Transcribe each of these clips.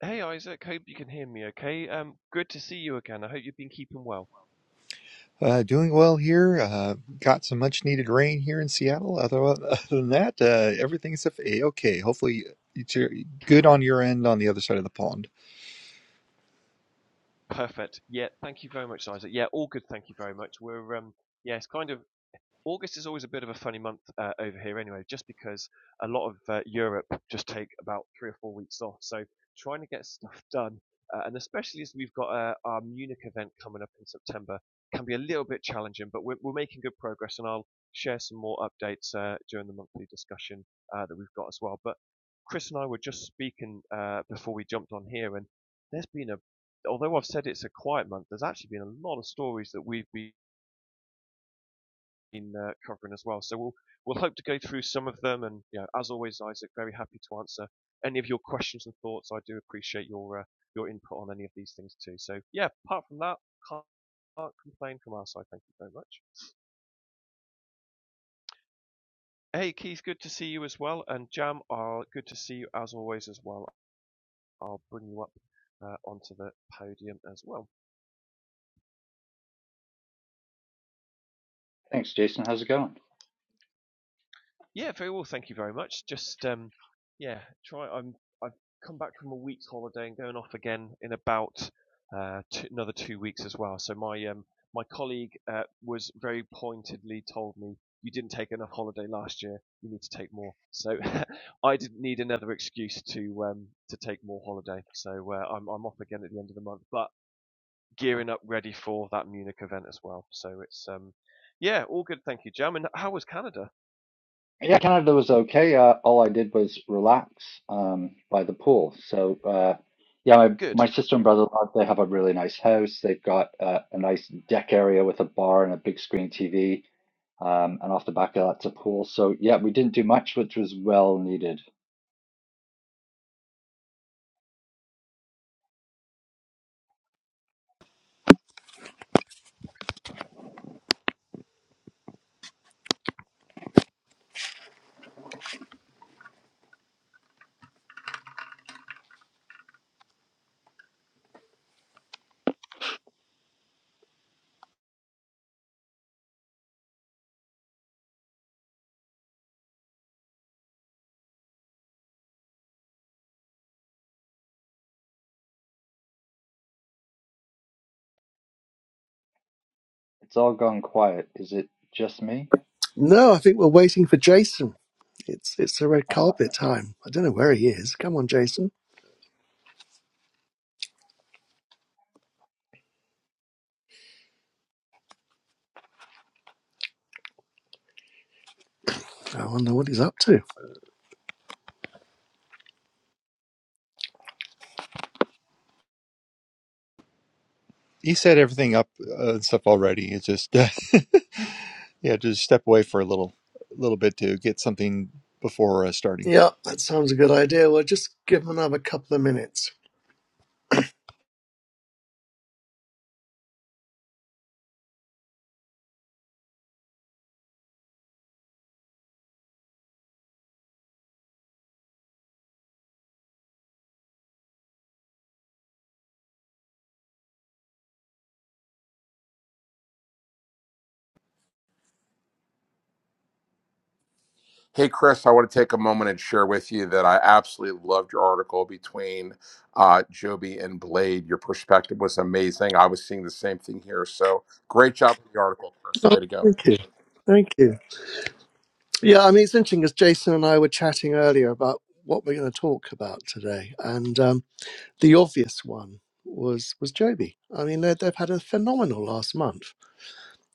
Hey Isaac, hope you can hear me okay. Um, good to see you again. I hope you've been keeping well. Uh, doing well here. Uh, got some much needed rain here in Seattle. Other, other than that, uh, everything's a okay. Hopefully, it's your- good on your end on the other side of the pond. Perfect. Yeah, thank you very much, Isaac. Yeah, all good, thank you very much. We're um yeah, it's kind of August is always a bit of a funny month uh, over here anyway, just because a lot of uh, Europe just take about three or four weeks off. So trying to get stuff done, uh, and especially as we've got uh, our Munich event coming up in September, can be a little bit challenging, but we're, we're making good progress, and I'll share some more updates uh, during the monthly discussion uh, that we've got as well. But Chris and I were just speaking uh, before we jumped on here, and there's been a although I've said it's a quiet month, there's actually been a lot of stories that we've been been uh, covering as well. So we'll we'll hope to go through some of them, and you know, as always, Isaac, very happy to answer any of your questions and thoughts. I do appreciate your uh, your input on any of these things too. So yeah, apart from that, can't, can't complain from our side. Thank you very much. Hey Keith, good to see you as well, and Jam, uh, good to see you as always as well. I'll bring you up uh, onto the podium as well. Thanks, Jason. How's it going? Yeah, very well. Thank you very much. Just um, yeah, try. I'm I've come back from a week's holiday and going off again in about uh, two, another two weeks as well. So my um, my colleague uh, was very pointedly told me you didn't take enough holiday last year. You need to take more. So I didn't need another excuse to um, to take more holiday. So uh, I'm I'm off again at the end of the month, but gearing up ready for that Munich event as well. So it's um, yeah, all good. Thank you, Jam. And how was Canada? Yeah, Canada was okay. Uh, all I did was relax um, by the pool. So, uh, yeah, my, Good. my sister and brother-in-law, they have a really nice house. They've got uh, a nice deck area with a bar and a big screen TV. Um, and off the back of that's a pool. So, yeah, we didn't do much, which was well needed. It's all gone quiet. Is it just me? No, I think we're waiting for Jason. It's it's the red Uh, carpet time. I don't know where he is. Come on, Jason. I wonder what he's up to. He set everything up uh, and stuff already. It's just, uh, yeah, just step away for a little, little bit to get something before uh, starting. Yeah, that sounds a good idea. We'll just give him another couple of minutes. Hey, Chris, I want to take a moment and share with you that I absolutely loved your article between uh, Joby and Blade. Your perspective was amazing. I was seeing the same thing here. So great job with the article, Chris. Oh, Way to go. thank you. Thank you. Yeah, I mean, it's interesting because Jason and I were chatting earlier about what we're going to talk about today. And um, the obvious one was was Joby. I mean, they- they've had a phenomenal last month.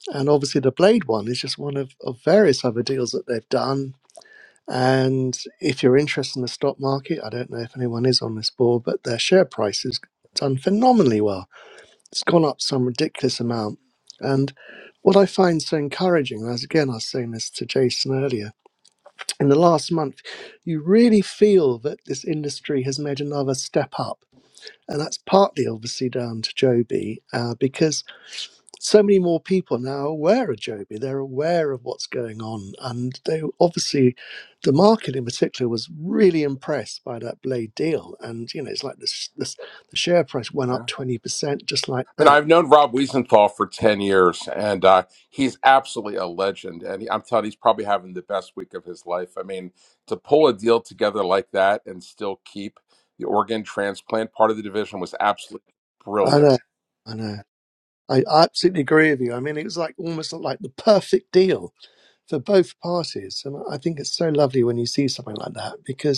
And obviously, the Blade one is just one of, of various other deals that they've done And if you're interested in the stock market, I don't know if anyone is on this board, but their share price has done phenomenally well. It's gone up some ridiculous amount. And what I find so encouraging, as again, I was saying this to Jason earlier, in the last month, you really feel that this industry has made another step up. And that's partly obviously down to Joby, uh, because so many more people now are aware of Joby. They're aware of what's going on. And they obviously, the market in particular was really impressed by that Blade deal. And, you know, it's like this, this the share price went up Yeah. I 20% just like mean, that. I've known Rob Wiesenthal for 10 years, and uh, he's absolutely a legend. And I'm telling you, he's probably having the best week of his life. I mean, to pull a deal together like that and still keep the organ transplant part of the division was absolutely I brilliant. know. I know. I I absolutely agree with you. I mean, it was like almost like the perfect deal for both parties. And I think it's so lovely when you see something like that because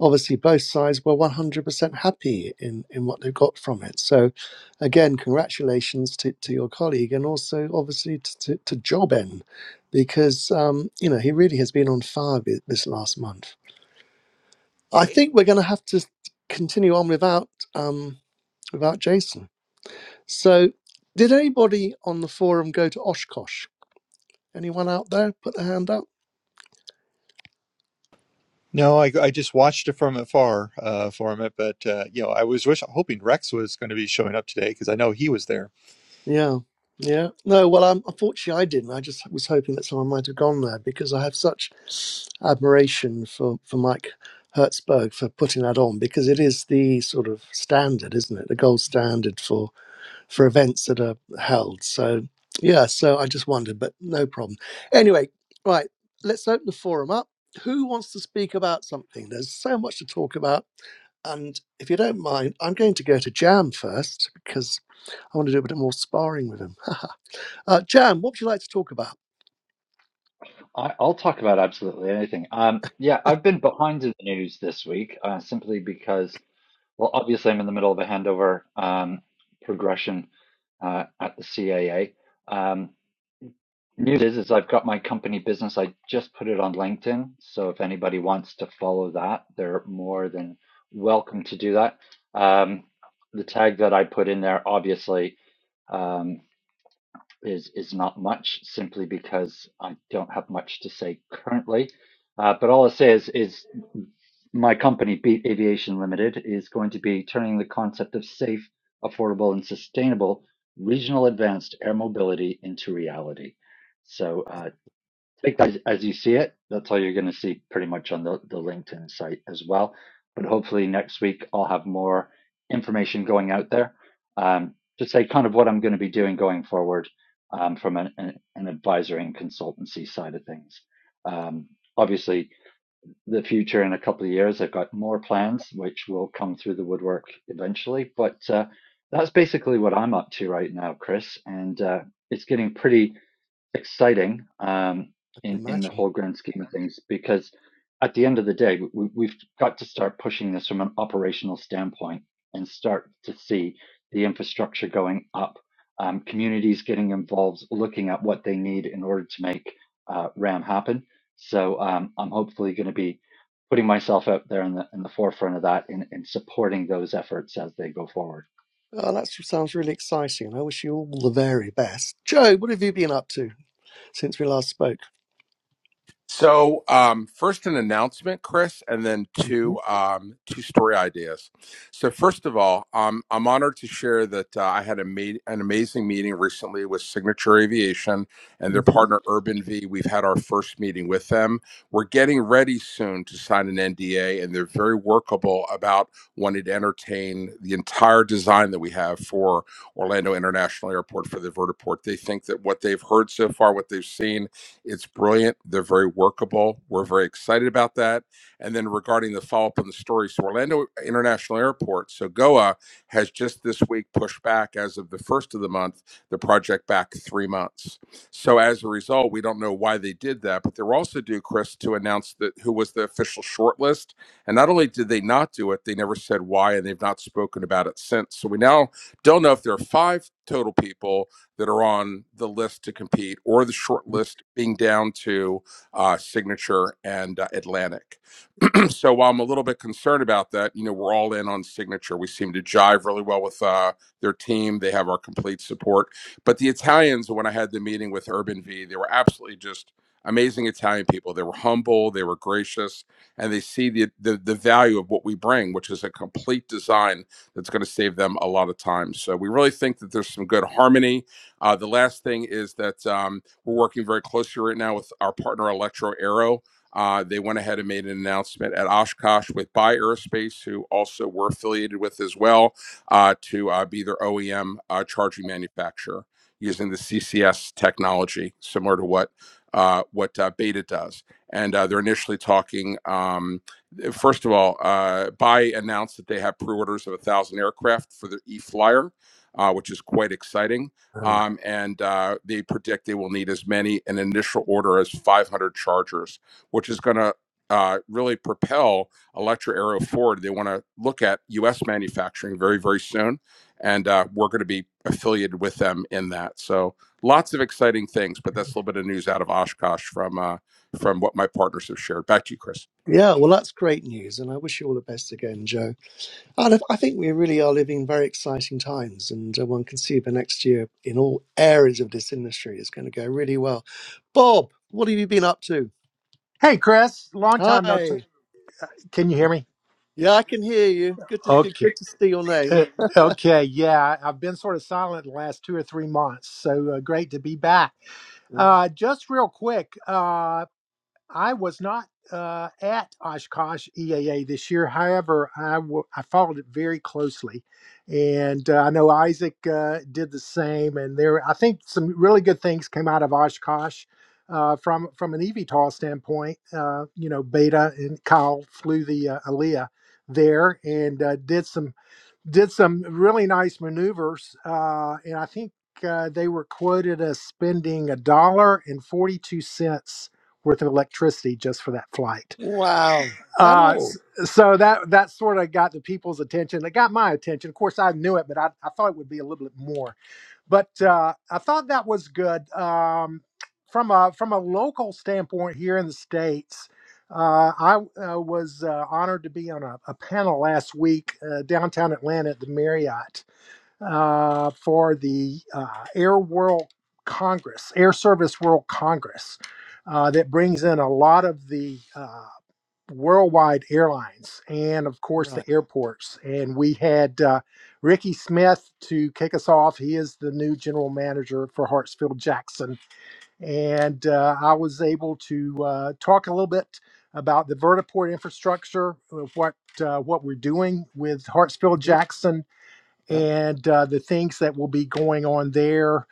obviously both sides were 100% happy in, in what they got from it. So, again, congratulations to, to your colleague and also obviously to, to, to Jobin because, um, you know, he really has been on fire thi- this last month. I think we're going to have to continue on without, um, without Jason. So, did anybody on the forum go to Oshkosh? Anyone out there put their hand up? No, I, I just watched it from afar uh, for him, but uh, you know, I was wish hoping Rex was going to be showing up today because I know he was there Yeah. Yeah. No, well, I'm, unfortunately, I didn't. I just was hoping that someone might have gone there because I have such admiration for, for Mike Hertzberg for putting that on because it is the sort of standard, isn't it? The gold standard for, for events that are held. So, yeah, so I just wondered, but no problem. Anyway, right, let's open the forum up. Who wants to speak about something? There's so much to talk about. And if you don't mind, I'm going to go to Jam first because I want to do a bit more sparring with him. Uh, Jan, what would you like to talk about? I, I'll talk about absolutely anything. Um, yeah, I've been behind in the news this week uh, simply because Well, obviously, I'm in the middle of a handover um, progression uh, at the CAA. Um, news is, is I've got my company business. I just put it on LinkedIn, so if anybody wants to follow that, they're more than welcome to do that. Um, the tag that I put in there, obviously, um, is is not much simply because I don't have much to say currently. Uh, but all I say is is my company, Beat Aviation Limited, is going to be turning the concept of safe, affordable, and sustainable regional advanced air mobility into reality. So, uh, I think as, as you see it, that's all you're going to see pretty much on the, the LinkedIn site as well. But hopefully next week I'll have more information going out there um, to say kind of what I'm going to be doing going forward um, from an, an, an advisory and consultancy side of things. Um, obviously, the future in a couple of years, I've got more plans which will come through the woodwork eventually. But uh, that's basically what I'm up to right now, Chris. And uh, it's getting pretty exciting um, I can in in the imagine. whole grand scheme of things because at the end of the day we, we- have got to start pushing this from an operational standpoint and start to see the infrastructure going up um, communities getting involved looking at what they need in order to make uh, ram happen so um, i'm hopefully going to be putting myself out there in the, in the forefront of that and, and supporting those efforts as they go forward Oh, that sounds really exciting, and I wish you all the very best. Joe, what have you been up to since we last spoke? So, um, first, an announcement, Chris, and then hmm two um, two story ideas. So, first of all, um, I'm honored to share that uh, I had a ma- an amazing meeting recently with Signature Aviation and their hmm partner Urban V. We've had our first meeting with them. We're getting ready soon to sign an NDA, and they're very workable about wanting to entertain the entire design that we have for Orlando International Airport for the vertiport. They think that what they've heard so far, what they've seen, it's brilliant. They're very workable. We're very excited about that. And then regarding the follow up on the story, so Orlando International Airport, so GOA has just this week pushed back as of the first of the month the project back three months. So as a result, we don't know why they did that, but they were also due, Chris, to announce that who was the official shortlist. And not only did they not do it, they never said why, and they've not spoken about it since. So we now don't know if there are five total people that are on the list to compete or the short list being down to uh, Signature and uh, Atlantic. so while I'm a little bit concerned about that, you know, we're all in on signature. We seem to jive really well with uh, their team. They have our complete support. But the Italians, when I had the meeting with Urban V, they were absolutely just amazing Italian people. They were humble, they were gracious, and they see the the, the value of what we bring, which is a complete design that's going to save them a lot of time. So we really think that there's some good harmony. Uh, the last thing is that um, we're working very closely right now with our partner Electro Aero uh, they went ahead and made an announcement at Oshkosh with Buy Aerospace, who also were affiliated with as well, uh, to uh, be their OEM uh, charging manufacturer using the CCS technology, similar to what uh, what uh, Beta does. And uh, they're initially talking. Um, first of all, uh, Buy announced that they have pre-orders of a thousand aircraft for the E-Flyer, uh, which is quite exciting. Oh. Um, and uh, they predict they will need as many an initial order as 500 chargers which is going to uh, really propel Electra Aero forward. They want to look at U.S. manufacturing very, very soon, and uh, we're going to be affiliated with them in that. So lots of exciting things, but that's a little bit of news out of Oshkosh from uh, from what my partners have shared. Back to you, Chris. Yeah, well, that's great news, and I wish you all the best again, Joe. And I I think we really are living very exciting times, and uh, one can see the next year in all areas of this industry is going to go really well. Bob, what have you been up to? Hey, Chris. Long time no. T- Hi. Can you hear me? Yeah, I can hear you. Good to good, Okay. good to see your name. Uh, okay. Yeah, I- I've been sort of silent the last two or three months, so uh, great to be back. Mm. Uh, just real quick. Uh, I was not uh, at Oshkosh EAA this year. However, I w- I followed it very closely, and uh, I know Isaac uh, did the same. And there, I think some really good things came out of Oshkosh uh, from from an eVTOL standpoint. Uh, you know, Beta and Kyle flew the uh, Aaliyah there and uh, did some did some really nice maneuvers, uh, and I think uh, they were quoted as spending a dollar and forty-two cents worth of electricity just for that flight. Wow. That Uh, all? s- so that that sort of got the people's attention. It got my attention. Of course, I knew it, but I, I thought it would be a little bit more but uh, I thought that was good um, from a from a local standpoint here in the states. Uh, I uh, was uh, honored to be on a, a panel last week uh, downtown Atlanta at the Marriott uh, for the uh, Air World Congress, Air Service World Congress, uh, that brings in a lot of the uh, worldwide airlines and of course Right. the airports and we had uh, ricky smith to kick us off he is the new general manager for hartsfield jackson and uh, i was able to uh, talk a little bit about the vertiport infrastructure of what uh, what we're doing with hartsfield hmm jackson Yep. and uh, the things that will be going on there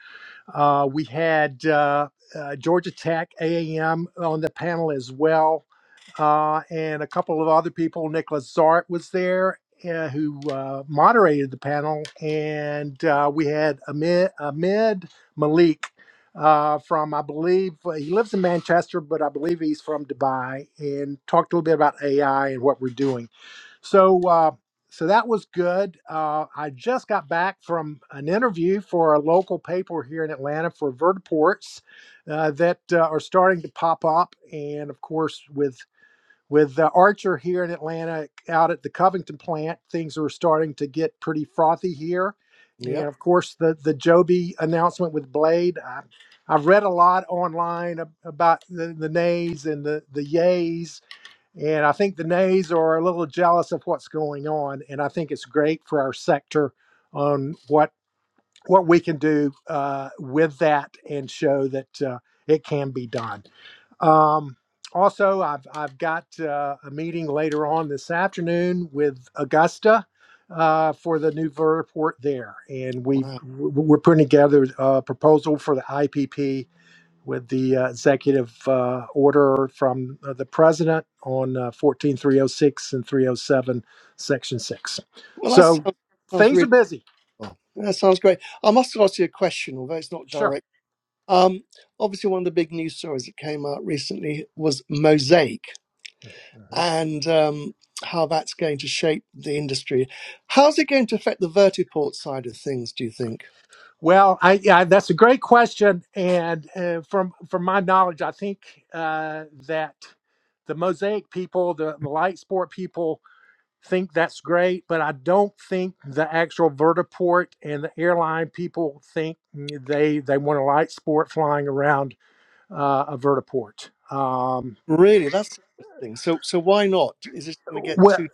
uh, we had uh, uh, georgia tech aam on the panel as well uh, and a couple of other people. Nicholas Zart was there, uh, who uh, moderated the panel, and uh, we had Ahmed, Ahmed Malik uh, from, I believe, uh, he lives in Manchester, but I believe he's from Dubai, and talked a little bit about AI and what we're doing. So. Uh, so that was good. Uh, I just got back from an interview for a local paper here in Atlanta for vertiports uh, that uh, are starting to pop up. And of course, with with uh, Archer here in Atlanta, out at the Covington plant, things are starting to get pretty frothy here. Yep. And of course, the the Joby announcement with Blade. I, I've read a lot online ab- about the, the nays and the the yays, and I think the nays are a little jealous of what's going on. And I think it's great for our sector on what what we can do uh, with that and show that uh, it can be done. Um, also, I've I've got uh, a meeting later on this afternoon with Augusta uh, for the new vertiport there, and we've Wow. we're putting together a proposal for the IPP with the uh, executive uh, order from uh, the president on uh, 14306 and 307 section 6 Well, that so sounds, sounds things are really busy well. That sounds great. I must ask you a question, although it's not sure direct. Um, obviously, one of the big news stories that came out recently was Mosaic Mm-hmm. and um, how that's going to shape the industry. How's it going to affect the vertiport side of things? Do you think? Well, I yeah, that's a great question, and uh, from from my knowledge, I think uh, that the mosaic people, the, the light sport people, think that's great, but I don't think the actual vertiport and the airline people think they they want a light sport flying around uh, a vertiport. Um, Really, that's interesting. So, so why not? Is this going to get well, too?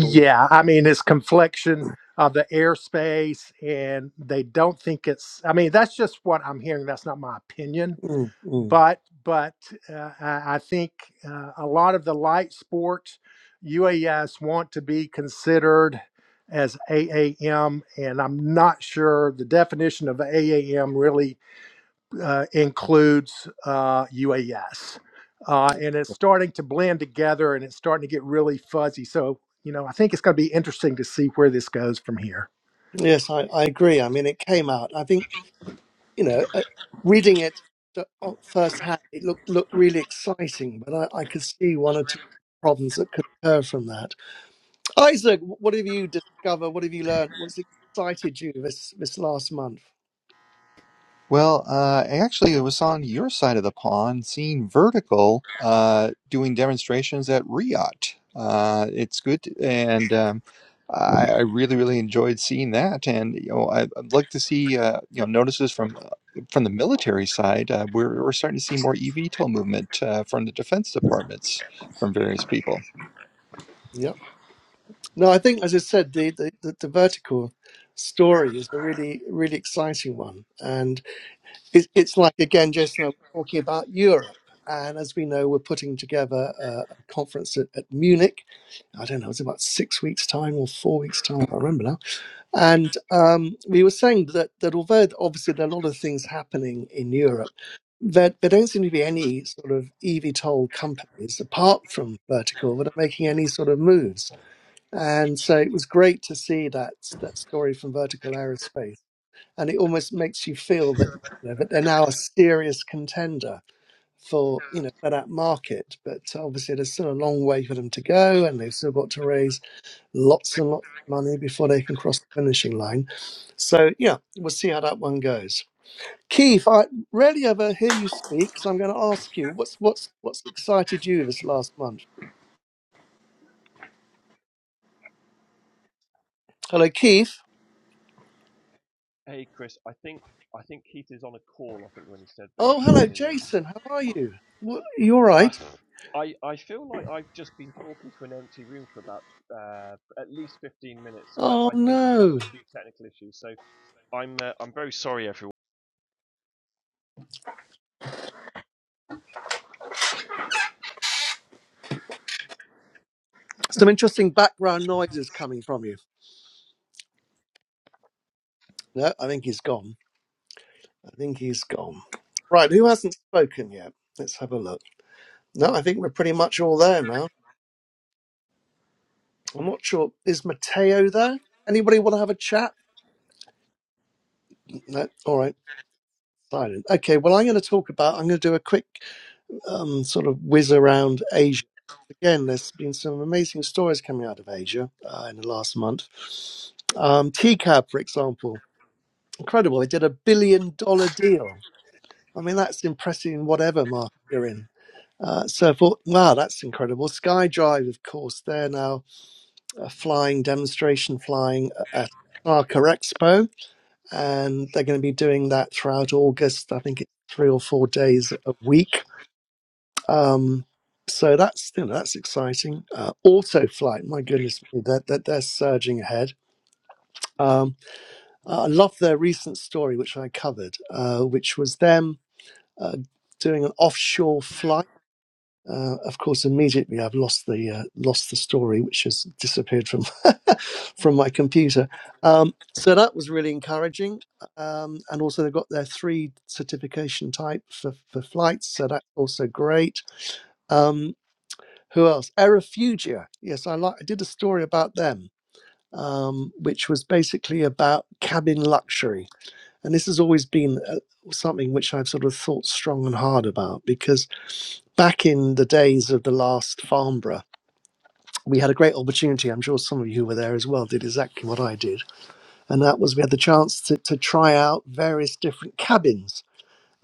difficult? I mean it's confliction of the airspace, and they don't think it's. I mean that's just what I'm hearing. That's not my opinion Mm, mm. but but uh, I I think uh, a lot of the light sports UAS want to be considered as AAM, and I'm not sure the definition of AAM really uh, includes uh, UAS, uh, and it's starting to blend together, and it's starting to get really fuzzy. So you know, I think it's going to be interesting to see where this goes from here. Yes, I, I agree. I mean, it came out. I think. you know, uh, reading it th- on- firsthand, it looked looked really exciting, but I, I could see one or two problems that could occur from that. Isaac, what have you discovered? What have you learned? What's excited you this this last month? Well, uh, actually, it was on your side of the pond, seeing Vertical uh, doing demonstrations at Riot. Uh, it's good, to- and um, I, I really, really enjoyed seeing that. And you know, I, I'd like to see uh, you know notices from uh, from the military side. Uh, we're, we're starting to see more eVTOL movement uh, from the defense departments from various people. Yeah. No, I think, as I said, the, the, the, the vertical story is a really, really exciting one. it's, it's like again, Jason, I am talking about Europe, and as we know, we're putting together a, a conference at, at Munich. I don't know, it's about six weeks' time or four weeks' time. I can't remember now. And um, we were saying that that although obviously there are a lot of things happening in Europe. That there don't seem to be any sort of EVTOL companies apart from Vertical that are making any sort of moves. And so it was great to see that that story from Vertical Aerospace and it almost makes you feel that, you know, that they're now a serious contender for you know for that market. But obviously, there's still a long way for them to go, and they've still got to raise lots and lots of money before they can cross the finishing line. So yeah, we'll see how that one goes. Keith, I rarely ever hear you speak, so I'm going to ask you what's what's what's excited you this last month. Hello, Keith. Hey Chris, I think I think Keith is on a call. I think when he said, but he's Oh, hello, listening in. So Jason. How are you? Wha- you all uh, right? I I feel like I've just been talking to an empty room for about uh, at least fifteen minutes. So I, Oh I think I'm having a no, few technical issues. So I'm uh, I'm very sorry, everyone. some interesting background noises coming from you. No, I think he's gone. I think he's gone. Right, who hasn't spoken yet? Let's have a look. No, I think we're pretty much all there now. I'm not sure. Is Matteo there? Anybody want to have a chat? No. All right. Silent. Okay. Well, I'm going to talk about. I'm going to do a quick um, sort of whiz around Asia. Again, there's been some amazing stories coming out of Asia uh, in the last month. Um, TCAB, for example, incredible. They did a billion dollar deal. I mean, that's impressive in whatever market you're in. Uh, so I thought, wow, that's incredible. Skydrive, of course, they're now uh, flying demonstration flying at ARCA Expo, and they're going to be doing that throughout August. I think it's three or four days a week. Um, so that's you know, that's exciting. Uh, Autoflight, my goodness, me, they're, they're, they're surging ahead. Um, I love their recent story, which I covered, uh, which was them uh, doing an offshore flight Uh, of course, immediately I've lost the uh, lost the story, which has disappeared from from my computer. Um, so that was really encouraging, um, and also they've got their three certification type for, for flights, so that's also great. Um, who else? Aerofugia. Yes, I like. I did a story about them, um, which was basically about cabin luxury and this has always been uh, something which I've sort of thought strong and hard about because back in the days of the last Farnborough, we had a great opportunity. I'm sure some of you who were there as well did exactly what I did. And that was we had the chance to, to try out various different cabins.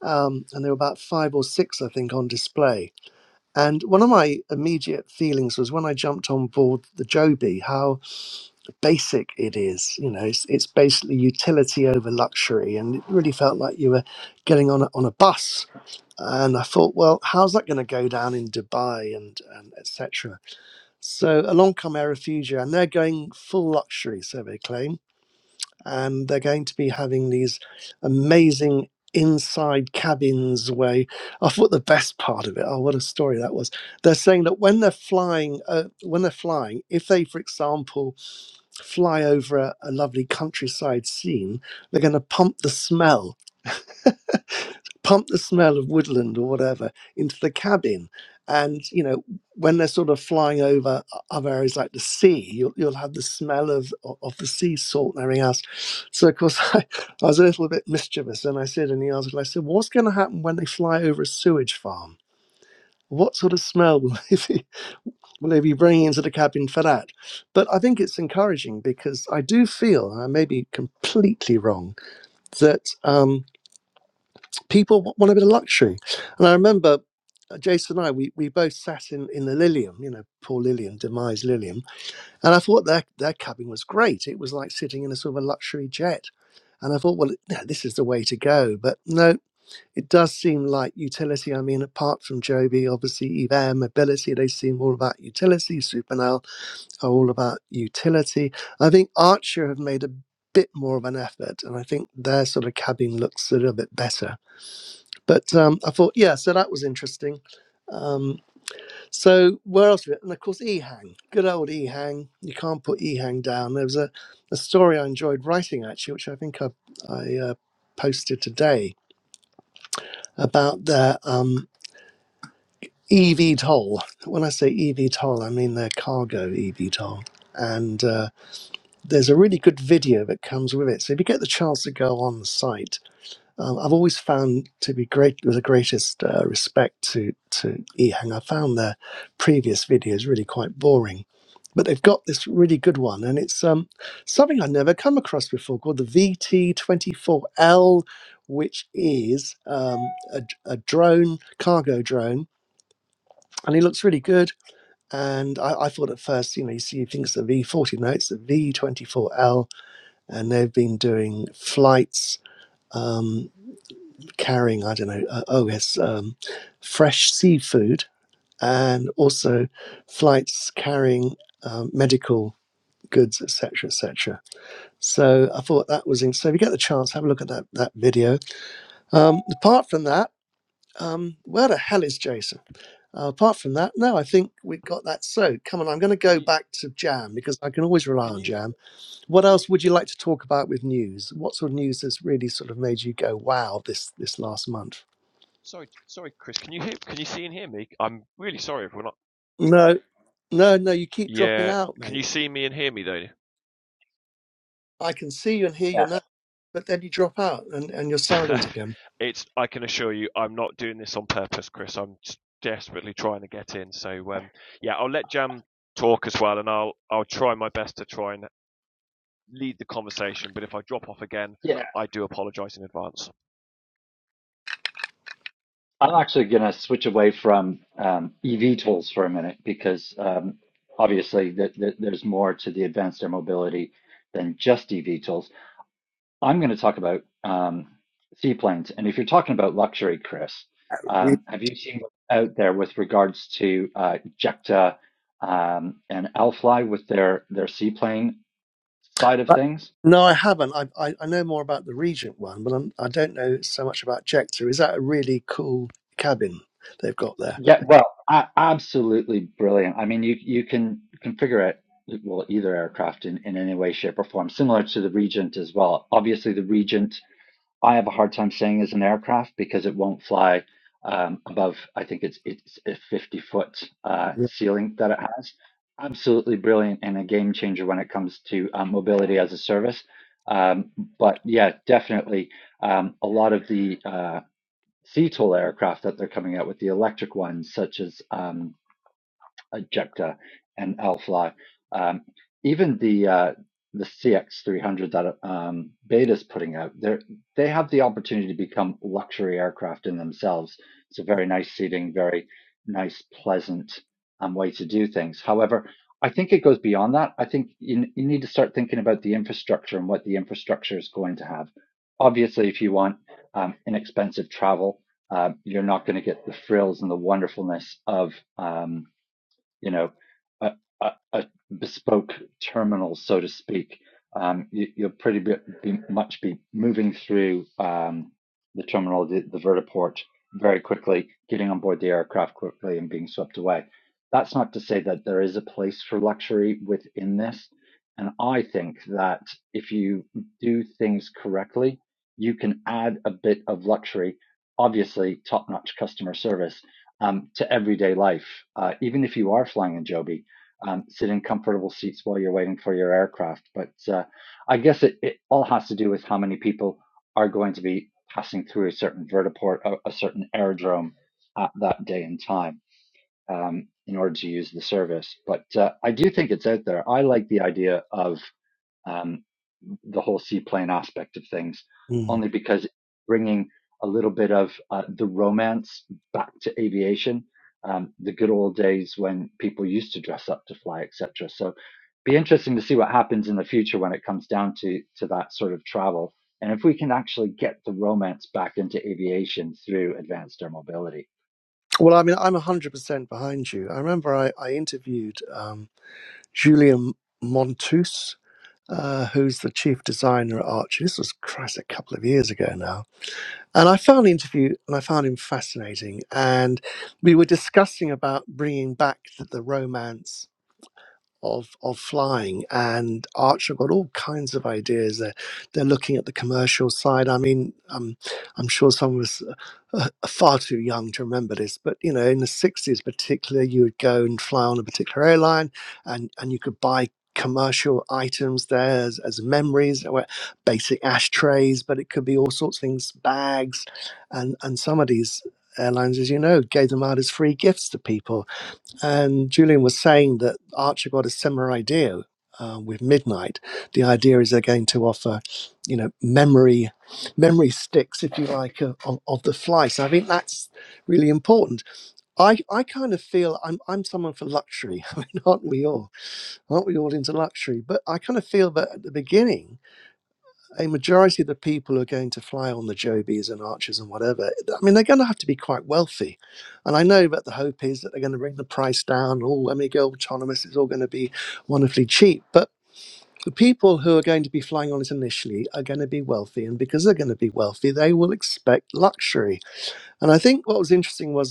Um, and there were about five or six, I think, on display. And one of my immediate feelings was when I jumped on board the Joby, how basic it is. You know, it's, it's basically utility over luxury, and it really felt like you were getting on a, on a bus. And I thought, well, how's that going to go down in Dubai and, and etc. So along come Air Refugia, and they're going full luxury, so they claim, and they're going to be having these amazing inside cabins way i thought the best part of it oh what a story that was they're saying that when they're flying uh, when they're flying if they for example fly over a, a lovely countryside scene, they're going to pump the smell, pump the smell of woodland or whatever into the cabin. And, you know, when they're sort of flying over other areas like the sea, you'll, you'll have the smell of, of the sea salt and everything else. So, of course, I, I was a little bit mischievous. And I said in the article, I said, what's going to happen when they fly over a sewage farm? What sort of smell will they be will they be bringing into the cabin for that? But I think it's encouraging because I do feel, and I may be completely wrong, that um, people w- want a bit of luxury. And I remember uh, Jason and I, we, we both sat in, in the Lilium, you know, poor Lilium, demise Lilium. And I thought their, their cabin was great. It was like sitting in a sort of a luxury jet. And I thought, well, no, this is the way to go. But no, it does seem like utility. I mean, apart from Joby, obviously, Evan, Mobility, they seem all about utility, Supernal are all about utility. I think Archer have made a bit more of an effort, and I think their sort of cabin looks a little bit better. But um, I thought, yeah, so that was interesting. Um, so where else? we- And of course, Ehang, good old Ehang. You can't put Ehang down. There was a, a story I enjoyed writing actually, which I think I, I uh, posted today about their um, EV toll. When I say EV toll, I mean their cargo EV toll. And uh, there's a really good video that comes with it. So if you get the chance to go on the site, um, I've always found to be great with the greatest uh, respect to to Ehang. I found their previous videos really quite boring, but they've got this really good one, and it's um, something I've never come across before called the VT24L, which is um, a, a drone, cargo drone, and it looks really good. And I, I thought at first, you know, you see, you think it's a V40, no, it's a V24L and they've been doing flights um, carrying I don't know uh, oh yes um, fresh seafood and also flights carrying um, medical goods etc etc so I thought that was interesting. so if you get the chance have a look at that that video um, apart from that um, where the hell is Jason uh, apart from that no I think we've got that so come on I'm going to Can go you back to Jam because I can always rely can on you Jam What else would you like to talk about with news? What sort of news has really sort of made you go, wow, this this last month? sorry sorry Chris? Can you hear? Can you see and hear me? I'm really sorry, everyone. No, no, no, you keep dropping Yeah. out, Can you mate. see me and hear me though? I can see you and hear you Yes. now, but then you drop out and, and you're silent again. it's I can assure you I'm not doing this on purpose, Chris. I'm just desperately trying to get in. So um, yeah, I'll let Jam talk as well, and I'll I'll try my best to try and lead the conversation. But if I drop off again, Yeah. I do apologise in advance. I'm actually going to switch away from um, EV tools for a minute because um, obviously th th there's more to the advanced air mobility than just EV tools. I'm going to talk about um, seaplanes. And if you're talking about luxury, Chris, We- um, have you seen what's out there with regards to uh, Jekta um, and Alfly with their their seaplane side of I- things? No, I haven't. I, I, I know more about the Regent one, but I'm, I don't know so much about Jector. Is that a really cool cabin they've got there? Yeah, well, I, absolutely brilliant. I mean, you you can configure it well either aircraft in, in any way, shape, or form, similar to the Regent as well. Obviously, the Regent I have a hard time saying is an aircraft because it won't fly um, above. I think it's it's a fifty foot uh, Yeah. ceiling that it has. Absolutely brilliant and a game changer when it comes to um, mobility as a service. Um, but yeah, definitely um, a lot of the uh, C-tol aircraft that they're coming out with, the electric ones, such as um, uh, Jupiter and Alfly. Um, even the uh, the CX300 that um, Beta's putting out, they they have the opportunity to become luxury aircraft in themselves. It's a very nice seating, very nice, pleasant um, way to do things. However, I think it goes beyond that. I think you, you need to start thinking about the infrastructure and what the infrastructure is going to have. Obviously, if you want um, inexpensive travel, uh, you're not going to get the frills and the wonderfulness of um, you know, a, a, a bespoke terminal, so to speak. Um, you, you'll pretty be, be much be moving through um, the terminal, the, the vertiport, very quickly, getting on board the aircraft quickly, and being swept away. That's not to say that there is a place for luxury within this. And I think that if you do things correctly, you can add a bit of luxury. Obviously, top-notch customer service um, to everyday life. Uh, even if you are flying in Joby, um, sit in comfortable seats while you're waiting for your aircraft. But uh, I guess it, it all has to do with how many people are going to be passing through a certain vertiport, a, a certain aerodrome at that day and time um, in order to use the service. But uh, I do think it's out there. I like the idea of um, the whole seaplane aspect of things, Mm. only because bringing a little bit of uh, the romance back to aviation, um, the good old days when people used to dress up to fly, etc. So, be interesting to see what happens in the future when it comes down to to that sort of travel, and if we can actually get the romance back into aviation through advanced air mobility. Well, I mean, I'm 100% behind you. I remember I, I interviewed um, Julian Montus. uh, who's the chief designer at Archie. This was Christ a couple of years ago now, and I found the interview and I found him fascinating. And we were discussing about bringing back the, the romance of of flying and Archer got all kinds of ideas they're they're looking at the commercial side I mean um, I'm sure someone was uh, uh, far too young to remember this but you know in the 60s particularly you would go and fly on a particular airline and and you could buy commercial items there as, as memories or basic ashtrays but it could be all sorts of things bags and and some of these airlines as you know gave them out as free gifts to people and Julian was saying that Archer got a similar idea uh, with Midnight. The idea is they're going to offer, you know, memory, memory sticks, if you like, of, of of the fly. So I think that's really important. I, I kind of feel I'm I'm someone for luxury. I mean, aren't we all? Aren't we all into luxury? But I kind of feel that at the beginning a majority of the people who are going to fly on the Jobies and Archers and whatever, I mean, they're going to have to be quite wealthy. And I know that the hope is that they're going to bring the price down. All when we go autonomous, it's all going to be wonderfully cheap. But the people who are going to be flying on it initially are going to be wealthy. And because they're going to be wealthy, they will expect luxury. And I think what was interesting was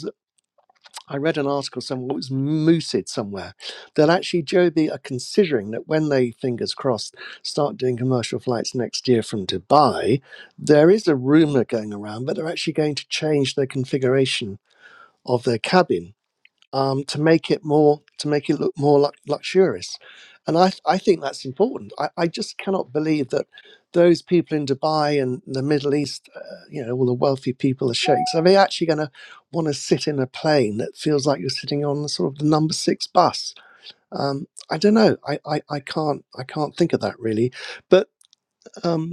I read an article somewhere, it was mooted somewhere, that actually Joby are considering that when they, fingers crossed, start doing commercial flights next year from Dubai, there is a rumour going around, but they're actually going to change the configuration of their cabin um, to make it more to make it look more lux- luxurious and I, I think that's important I, I just cannot believe that those people in dubai and the middle east uh, you know all the wealthy people the sheikhs are they actually going to want to sit in a plane that feels like you're sitting on the sort of the number six bus um, i don't know I, I, I can't i can't think of that really but um,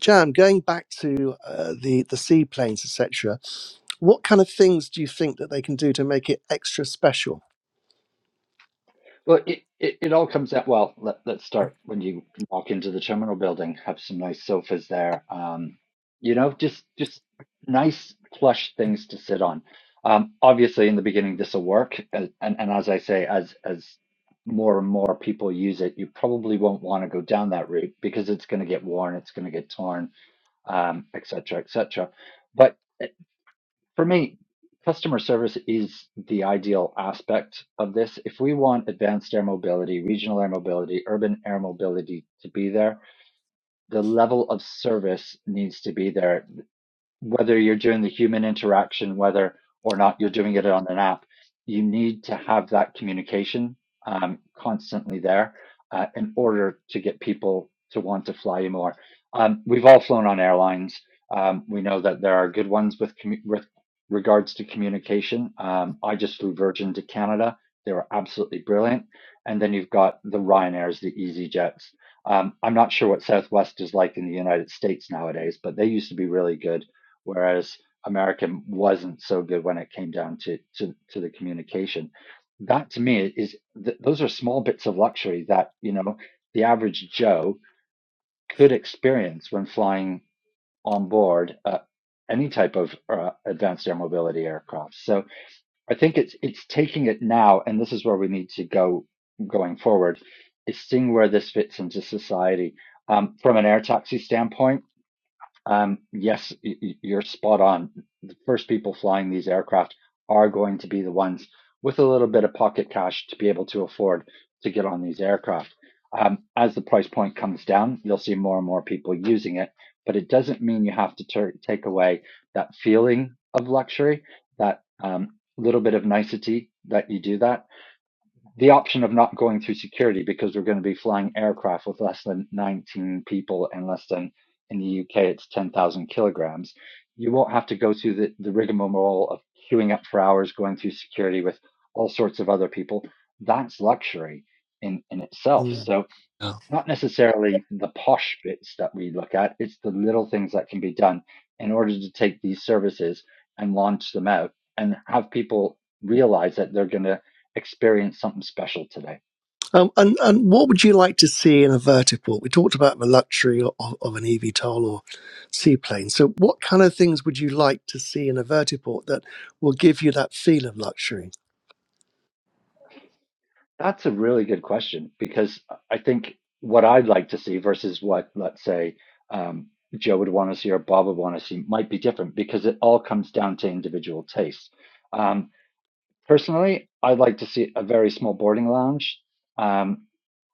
jan going back to uh, the the seaplanes etc what kind of things do you think that they can do to make it extra special Well, it, it, it all comes out well. Let, let's start when you walk into the terminal building, have some nice sofas there. Um, you know, just just nice plush things to sit on. Um, obviously, in the beginning, this will work, and, and and as I say, as as more and more people use it, you probably won't want to go down that route because it's going to get worn, it's going to get torn, um, et cetera, et cetera. But for me, customer service is the ideal aspect of this. If we want advanced air mobility, regional air mobility, urban air mobility to be there, the level of service needs to be there whether you're doing the human interaction, whether or not you're doing it on an app, you need to have that communication um, constantly there uh, in order to get people to want to fly you more. Um, we've all flown on airlines. Um, we know that there are good ones with, commu- with regards to communication. Um, I just flew Virgin to Canada. They were absolutely brilliant. And then you've got the Ryanairs, the EasyJets. Um, I'm not sure what Southwest is like in the United States nowadays, but they used to be really good whereas American wasn't so good when it came down to to, to the communication. That to me is th- those are small bits of luxury that you know the average Joe could experience when flying on board uh, any type of uh, advanced air mobility aircraft. So I think it's it's taking it now, and this is where we need to go going forward. Is seeing where this fits into society um, from an air taxi standpoint um, yes, you're spot on. The first people flying these aircraft are going to be the ones with a little bit of pocket cash to be able to afford to get on these aircraft. Um, as the price point comes down, you'll see more and more people using it, but it doesn't mean you have to tur take away that feeling of luxury, that um, little bit of nicety that you do that the option of not going through security because we're going to be flying aircraft with less than 19 people and less than in the UK it's 10,000 kilograms. You won't have to go through the, the rigmarole of queuing up for hours, going through security with all sorts of other people. That's luxury in, in itself. Mm. Yeah. So it's not necessarily the posh bits that we look at, it's the little things that can be done in order to take these services and launch them out and have people realize that they're going to experience something special today. Um, and, and what would you like to see in a vertiport? We talked about the luxury of, of an eVTOL or seaplane. So, what kind of things would you like to see in a vertiport that will give you that feel of luxury? That's a really good question because I think what I'd like to see versus what, let's say, um, Joe would want to see or Bob would want to see might be different because it all comes down to individual taste. Um, personally, I'd like to see a very small boarding lounge um,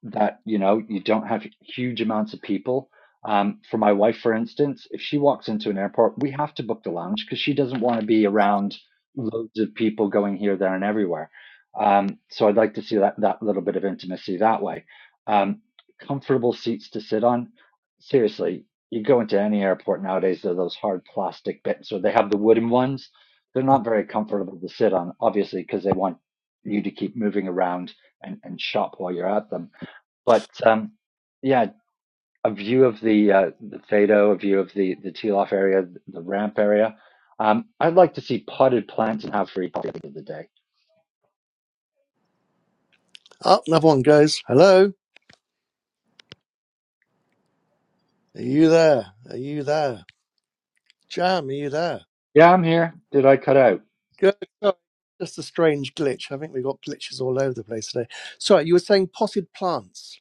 that you know you don't have huge amounts of people. Um, for my wife, for instance, if she walks into an airport, we have to book the lounge because she doesn't want to be around loads of people going here, there, and everywhere. Um, so I'd like to see that that little bit of intimacy that way. Um, comfortable seats to sit on. Seriously, you go into any airport nowadays, they're those hard plastic bits, or they have the wooden ones they're Mm. not very comfortable to sit on, obviously, because they want you to keep moving around and, and shop while you're at them. But um, yeah, a view of the uh, the Fado, a view of the the teal off area, the ramp area. Um, I'd like to see potted plants and have free coffee at the end of the day. Oh, another one goes. Hello, are you there? Are you there? Jam, are you there? Yeah, I'm here. Did I cut out? Good. Sorry, Just a strange glitch. I think we've got glitches all over the place today. Sorry, you were saying potted plants.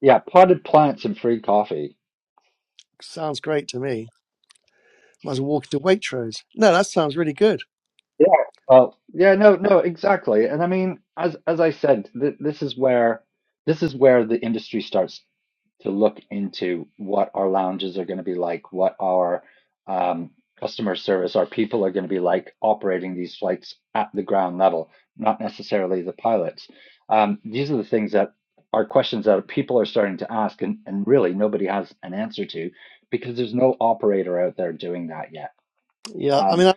Yeah, potted plants and free coffee. Sounds great to me. Might as well walk into Waitrose. No, that sounds really good. Yeah. Well, yeah, no, no, exactly. And I mean, as as I said, th this is where this is where the industry starts to look into what our lounges are going to be like, what our um, customer service, our people are going to be like operating these flights at the ground level, not necessarily the pilots. Um, these are the things that are questions that people are starting to ask, and, and really nobody has an answer to because there's no operator out there doing that yet. Yeah, I Um, mean,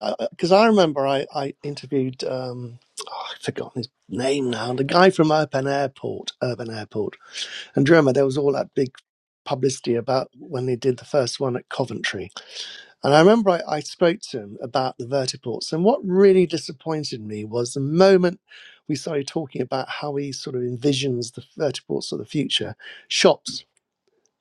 because I, because I remember I, I interviewed, um, oh, I've forgotten his name now, the guy from Urban Airport, Urban Airport. And do you remember there was all that big publicity about when they did the first one at Coventry. And I remember I, I spoke to him about the vertiports. And what really disappointed me was the moment we started talking about how he sort of envisions the vertiports of the future shops,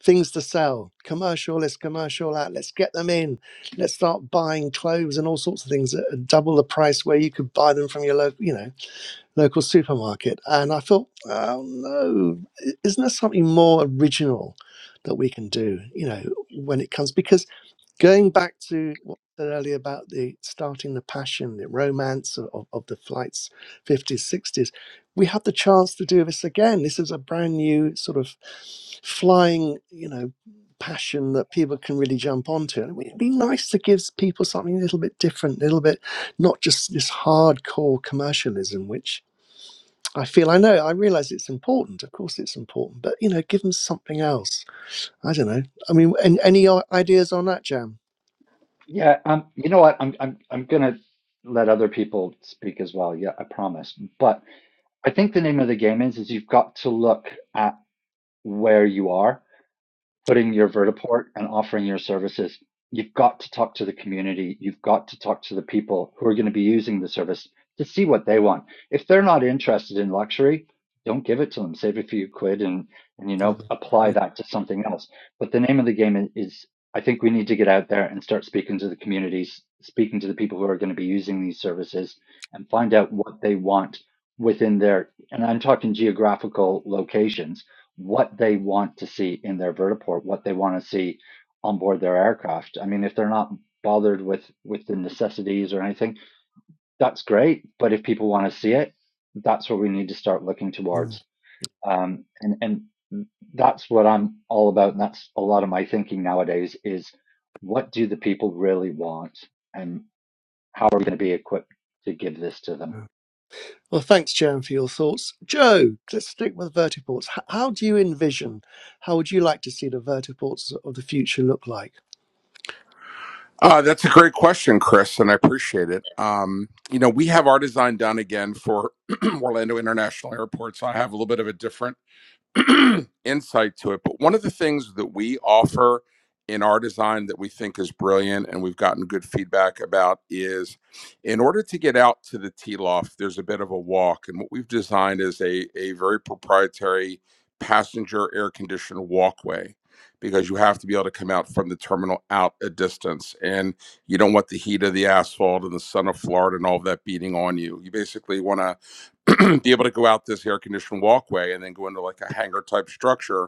things to sell, commercial, let's commercial out, let's get them in, let's start buying clothes and all sorts of things at double the price where you could buy them from your local, you know, local supermarket. And I thought, oh no, isn't there something more original that we can do, you know, when it comes? Because Going back to what I said earlier about the starting the passion, the romance of, of, of the flights 50s, 60s, we have the chance to do this again. This is a brand new sort of flying, you know, passion that people can really jump onto. And it'd be nice to give people something a little bit different, a little bit not just this hardcore commercialism, which I feel I know, I realize it's important. Of course, it's important, but you know, give them something else I don't know. I mean, an- any i- ideas on that, Jam? yeah, um, you know what? I'm I'm I'm gonna let other people speak as well. Yeah, I promise. But I think the name of the game is is you've got to look at where you are, putting your vertiport and offering your services. You've got to talk to the community. You've got to talk to the people who are going to be using the service to see what they want. If they're not interested in luxury, don't give it to them. Save a few quid and, and you Yeah. know, apply Yeah. that to something else. But the name of the game is, I think we need to get out there and start speaking to the communities, speaking to the people who are going to be using these services and find out what they want within their, and I'm talking geographical locations what they want to see in their vertiport, what they want to see on board their aircraft. I mean, if they're not bothered with with the necessities or anything, that's great. But if people want to see it, that's what we need to start looking Mm. towards. Um, and and that's what I'm all about. And that's a lot of my thinking nowadays is what do the people really want, and how are we going to be equipped to give this to Yeah. them? Well, thanks, Joan, for your thoughts. Joe, let's stick with vertiports. H- how do you envision, how would you like to see the vertiports of the future look like? Uh, that's a great question, Chris, and I appreciate it. Um, you know, we have our design done again for Orlando International Airport, so I have a little bit of a different insight to it. But one of the things that we offer in our design that we think is brilliant and we've gotten good feedback about is in order to get out to the tea loft, there's a bit of a walk. And what we've designed is a, a very proprietary passenger air conditioned walkway because you have to be able to come out from the terminal out a distance and you don't want the heat of the asphalt and the sun of Florida and all of that beating on you. You basically want to be able to go out this air conditioned walkway and then go into like a hangar type structure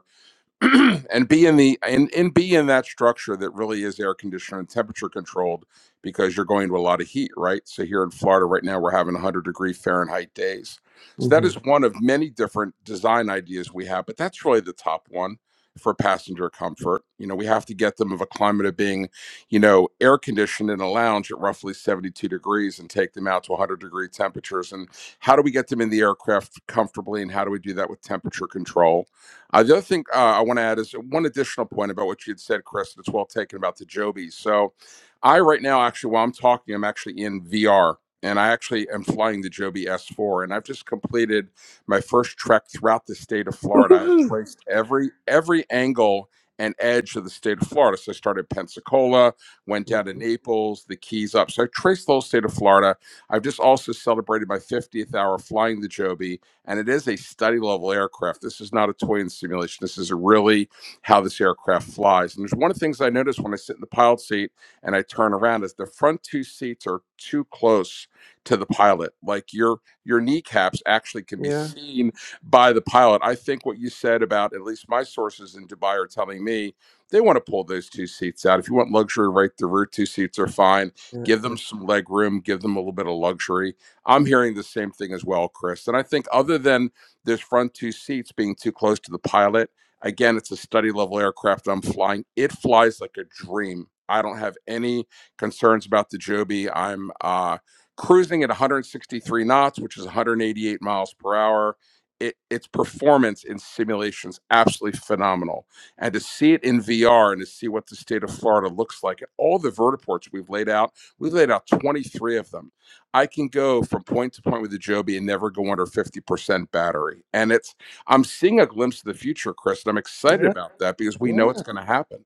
and be in the and, and be in that structure that really is air conditioned and temperature controlled because you're going to a lot of heat right so here in florida right now we're having 100 degree fahrenheit days so that Mm-hmm. is one of many different design ideas we have but that's really the top one for passenger comfort you know we have to get them of a climate of being you know air conditioned in a lounge at roughly 72 degrees and take them out to 100 degree temperatures and how do we get them in the aircraft comfortably and how do we do that with temperature control uh, the other thing uh, I want to add is one additional point about what you had said, Chris. That's well taken about the Joby. So, I right now actually, while I'm talking, I'm actually in VR, and I actually am flying the Joby S4, and I've just completed my first trek throughout the state of Florida. I've Woohoo! traced every every angle and edge of the state of Florida. So I started Pensacola, went down to Mhm. Naples, the Keys up. So I traced the whole state of Florida. I've just also celebrated my 50th hour flying the Joby and it is a study level aircraft. This is not a toy and simulation. This is really how this aircraft flies. And there's one of the things I notice when I sit in the pilot seat and I turn around is the front two seats are too close to the pilot. Like your your kneecaps actually can be Yeah, seen by the pilot. I think what you said about at least my sources in Dubai are telling me they want to pull those two seats out. If you want luxury, right, the rear two seats are fine. yeah, Give yeah, them some leg room, give them a little bit of luxury I'm hearing the same thing as well, Chris. And I think other than this front two seats being too close to the pilot, again, it's a study level aircraft I'm flying. It flies like a dream. I don't have any concerns about the Joby. I'm uh, cruising at 163 knots, which is 188 miles per hour. It, its performance in simulations absolutely phenomenal and to see it in vr and to see what the state of florida looks like at all the vertiports we've laid out we've laid out 23 of them I can go from point to point with the Joby and never go under 50% battery. And it's I'm seeing a glimpse of the future, Chris, and I'm excited yeah, about that because we yeah. know it's going to happen.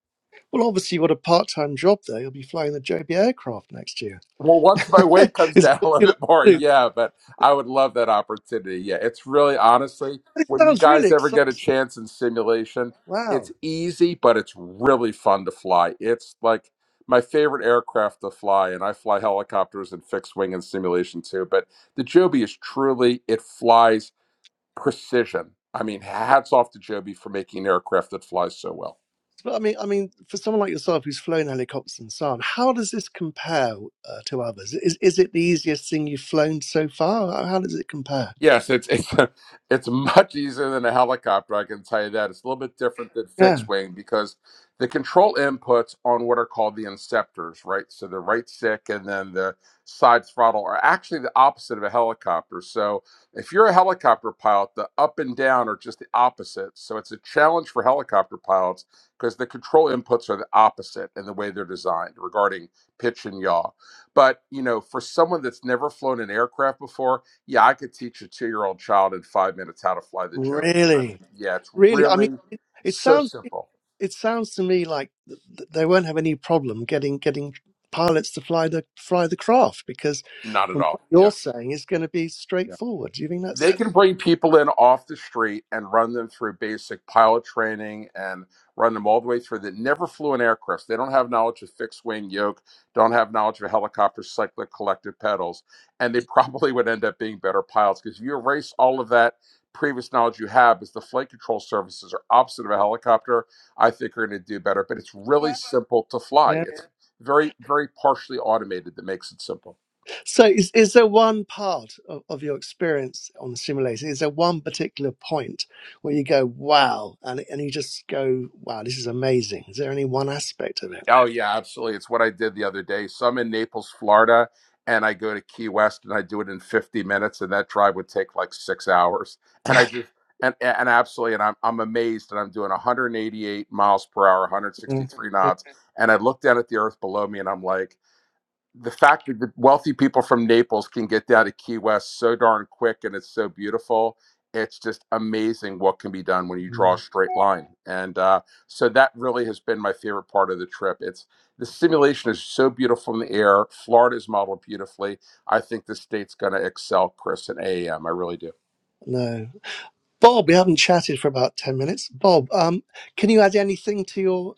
Well, obviously, you've got a part time job there. You'll be flying the JB aircraft next year. Well, once my weight comes is that down a what little you like bit more, to do? yeah, but I would love that opportunity. Yeah, it's really honestly, But it when you sounds really guys ever get a exciting. chance in simulation, it's Wow. easy, but it's really fun to fly. It's like my favorite aircraft to fly, and I fly helicopters and fixed wing and simulation too. But the Joby is truly, it flies. precision. I mean, hats off to Joby for making an aircraft that flies so well. But I mean, I mean, for someone like yourself who's flown helicopters and so on, how does this compare uh, to others? Is is it the easiest thing you've flown so far? How how does it compare? Yes, it's it's it's much easier than a helicopter. I can tell you that. It's a little bit different than Yeah, fixed wing because the control inputs on what are called the inceptors, right? So the right stick and then the side throttle are actually the opposite of a helicopter. So if you're a helicopter pilot, the up and down are just the opposite. So it's a challenge for helicopter pilots because the control inputs are the opposite in the way they're designed regarding pitch and yaw. But you know, for someone that's never flown an aircraft before yeah, I could teach a two year old child in five minutes how to fly the Joby. I mean, really, yeah, it's really. I mean, really it, it so sounds it, simple. it sounds to me like th- th- they won't have any problem getting getting pilots to fly the fly the craft because Not at from all. what Yeah. you're yeah. saying, it's going to be straightforward. Do you think they that's? can bring people in off the street and run them through basic pilot training and run them all the way through that never flew an aircraft. They don't have knowledge of fixed wing yoke, don't have knowledge of helicopter cyclic collective pedals, and they probably would end up being better pilots because if you erase all of that previous knowledge you have is the flight control services are opposite of a helicopter, I think are going to do better. But it's really simple to fly. It's very, very partially automated that makes it simple. So, is, is there one part of, of your experience on the simulator? Is there one particular point where you go, wow, and, and you just go, wow, this is amazing? Is there any one aspect of it? Oh yeah, absolutely. It's what I did the other day. So I'm in Naples, Florida, and I go to Key West and I do it in 50 minutes, and that drive would take like six hours. And I just and and absolutely, and I'm I'm amazed, and I'm doing 188 miles per hour, Mm, 163 mm. knots, and I look down at the earth below me, and I'm like the fact that the wealthy people from Naples can get down to Key West so darn quick and it's so beautiful. It's just amazing what can be done when you Mm. draw a straight line. And uh, so that really has been my favorite part of the trip. It's the simulation is so beautiful in the air. Florida's modeled beautifully. I think the state's going to excel, Chris, and AAM. I really do. No. Bob, we haven't chatted for about 10 minutes. Bob, um, can you add anything to your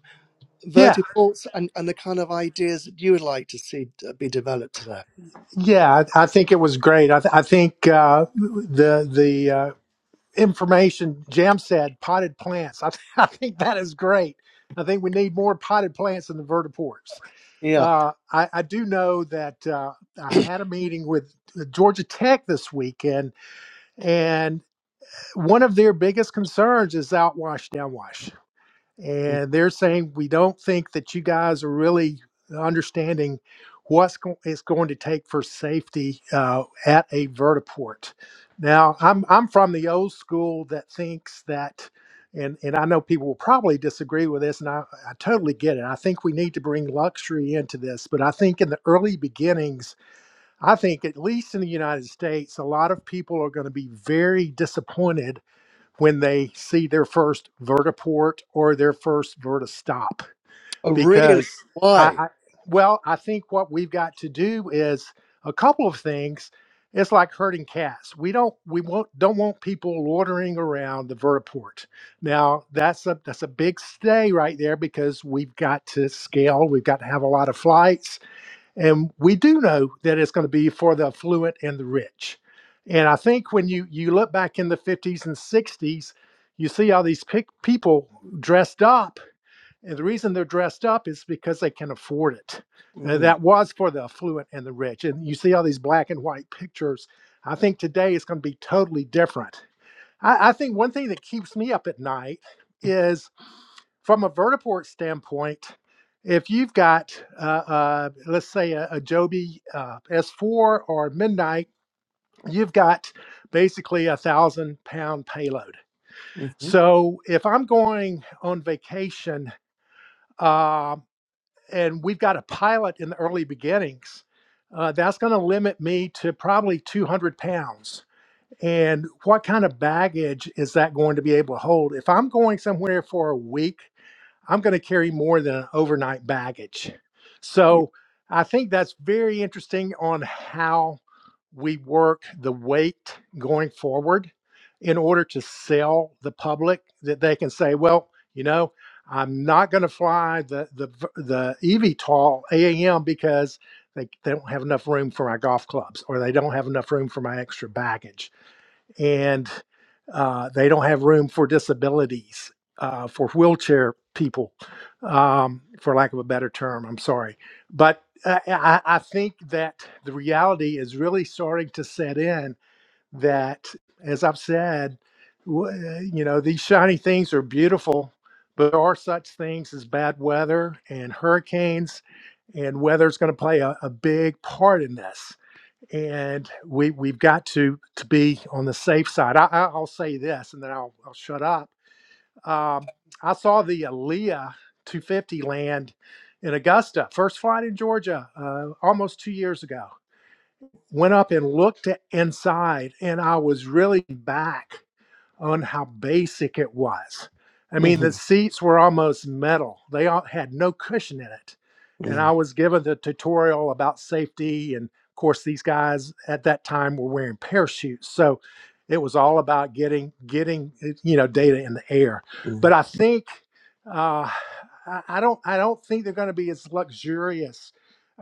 Yeah, vertical thoughts and, and the kind of ideas that you would like to see d- be developed today? yeah, I, I think it was great. I, th- I think uh, the the uh, information jam said potted plants I, th- I think that is great i think we need more potted plants in the vertiports Yeah. uh, I, I do know that uh, i had a meeting with uh, georgia tech this weekend and one of their biggest concerns is outwash downwash Mm, and they're saying we don't think that you guys are really understanding what's go- it's going to take for safety uh, at a vertiport. Now, I'm I'm from the old school that thinks that, and and I know people will probably disagree with this, and I, I totally get it. I think we need to bring luxury into this, but I think in the early beginnings, I think at least in the United States, a lot of people are going to be very disappointed when they see their first vertiport or their first vertistop Oh, really? because I, Why? I well i think what we've got to do is a couple of things it's like herding cats we don't we won't, don't want people loitering around the vertiport now that's a that's a big stay right there because we've got to scale we've got to have a lot of flights and we do know that it's going to be for the affluent and the rich and i think when you you look back in the 50s and 60s you see all these pic- people dressed up and the reason they're dressed up is because they can afford it Uh, Mm. that was for the affluent and the rich and you see all these black and white pictures i think today it's going to be totally different I, I think one thing that keeps me up at night is from a vertiport standpoint, if you've got, uh, uh, let's say, a, a Joby uh, S4 or Midnight, you've got basically a thousand pound payload. mhm, So if I'm going on vacation uh, and we've got a pilot in the early beginnings, uh, that's going to limit me to probably 200 pounds. And what kind of baggage is that going to be able to hold? If I'm going somewhere for a week I'm going to carry more than an overnight baggage. So I think that's very interesting on how we work the weight going forward in order to sell the public that they can say, well, you know, I'm not going to fly the the v- the EVTOL AAM because they, they don't have enough room for my golf clubs or they don't have enough room for my extra baggage and uh, they don't have room for disabilities, uh, for wheelchair people, um, for lack of a better term. I'm sorry. But I, I I think that the reality is really starting to set in that, as I've said, w- you know, these shiny things are beautiful, but there are such things as bad weather and hurricanes, and weather's going to play a, a big part in this and we we've got to to be on the safe side. I, I, I'll say this, and then I'll I'll shut up. Um, I saw the Aaliyah 250 land in Augusta, first flight in Georgia, uh, almost two years ago. Went up and looked at inside, and I was really back on how basic it was. I mean, the Mm-hmm. seats were almost metal, they all had no cushion in it. And I was given the tutorial about safety. And of course, these guys at that time were wearing parachutes. So it was all about getting, getting, eh, you know, data in the air. But Mm-hmm. I think, uh, I I don't, I don't think they're going to be as luxurious.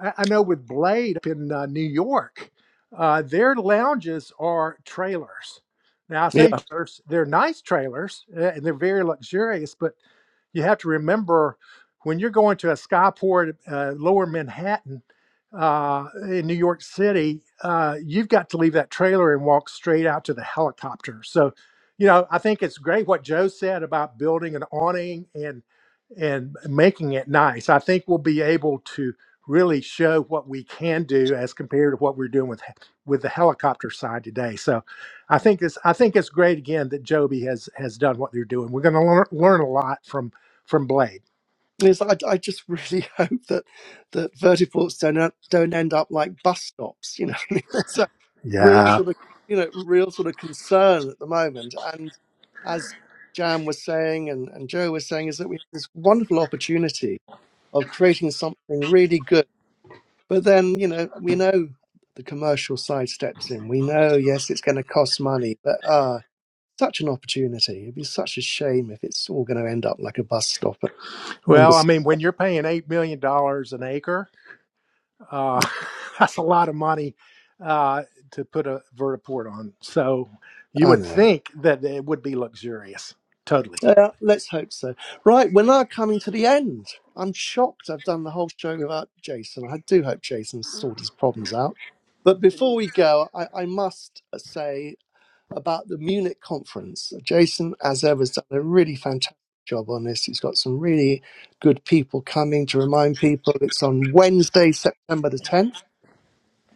I, I know with Blade up in uh, New York, uh, their lounges are trailers now I say trailers, they're nice trailers uh, and they're very luxurious, but you have to remember when you're going to a skyport, uh, lower Manhattan, uh, in New York City, uh, you've got to leave that trailer and walk straight out to the helicopter. So, you know, I think it's great what Joe said about building an awning and and making it nice. I think we'll be able to really show what we can do as compared to what we're doing with he- with the helicopter side today. So I think it's I think it's great again that Joby has has done what they're doing. We're going to learn, learn a lot from from Blade. Is I, I just really hope that that vertiports don't en- don't end up like bus stops. You know, I mean, there's a real Yeah. sort of you know real sort of concern at the moment. And as Jam was saying, and, and Joe was saying, is that we have this wonderful opportunity of creating something really good. But then you know we know the commercial side steps in. We know yes, it's going to cost money, but uh such an opportunity. It'd be such a shame if it's all going to end up like a bus stop at number. Well, I s- mean, when you're paying eight million dollars an acre, uh, that's a lot of money uh, to put a vertiport on. So you I would know. think that it would be luxurious. Totally. Uh, let's hope so. Right, we're now coming to the end. I'm shocked I've done the whole show without Jason. I do hope Jason's sorted his problems out. But Can before you we go, I, I must uh, say about the Munich conference. Jason, as ever, has done a really fantastic job on this. He's got some really good people coming to remind people. It's on Wednesday, September the 10th.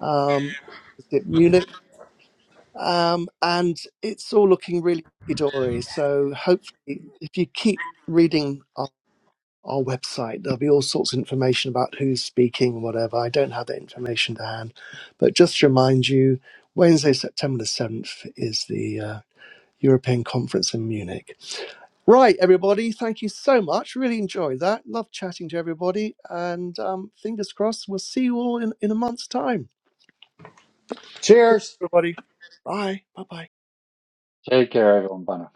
Um, it's at Munich um, and it's all looking really dory. So hopefully, if you keep reading our, our website, there'll be all sorts of information about who's speaking, whatever. I don't have that information to hand, but just to remind you, Wednesday, September the seventh, is the uh, European Conference in Munich. Right, everybody, thank you so much. Really enjoyed that. Love chatting to everybody, and um, fingers crossed, we'll see you all in, in a month's time. Cheers. Everybody, bye, bye, bye. Take care, everyone. Bye now.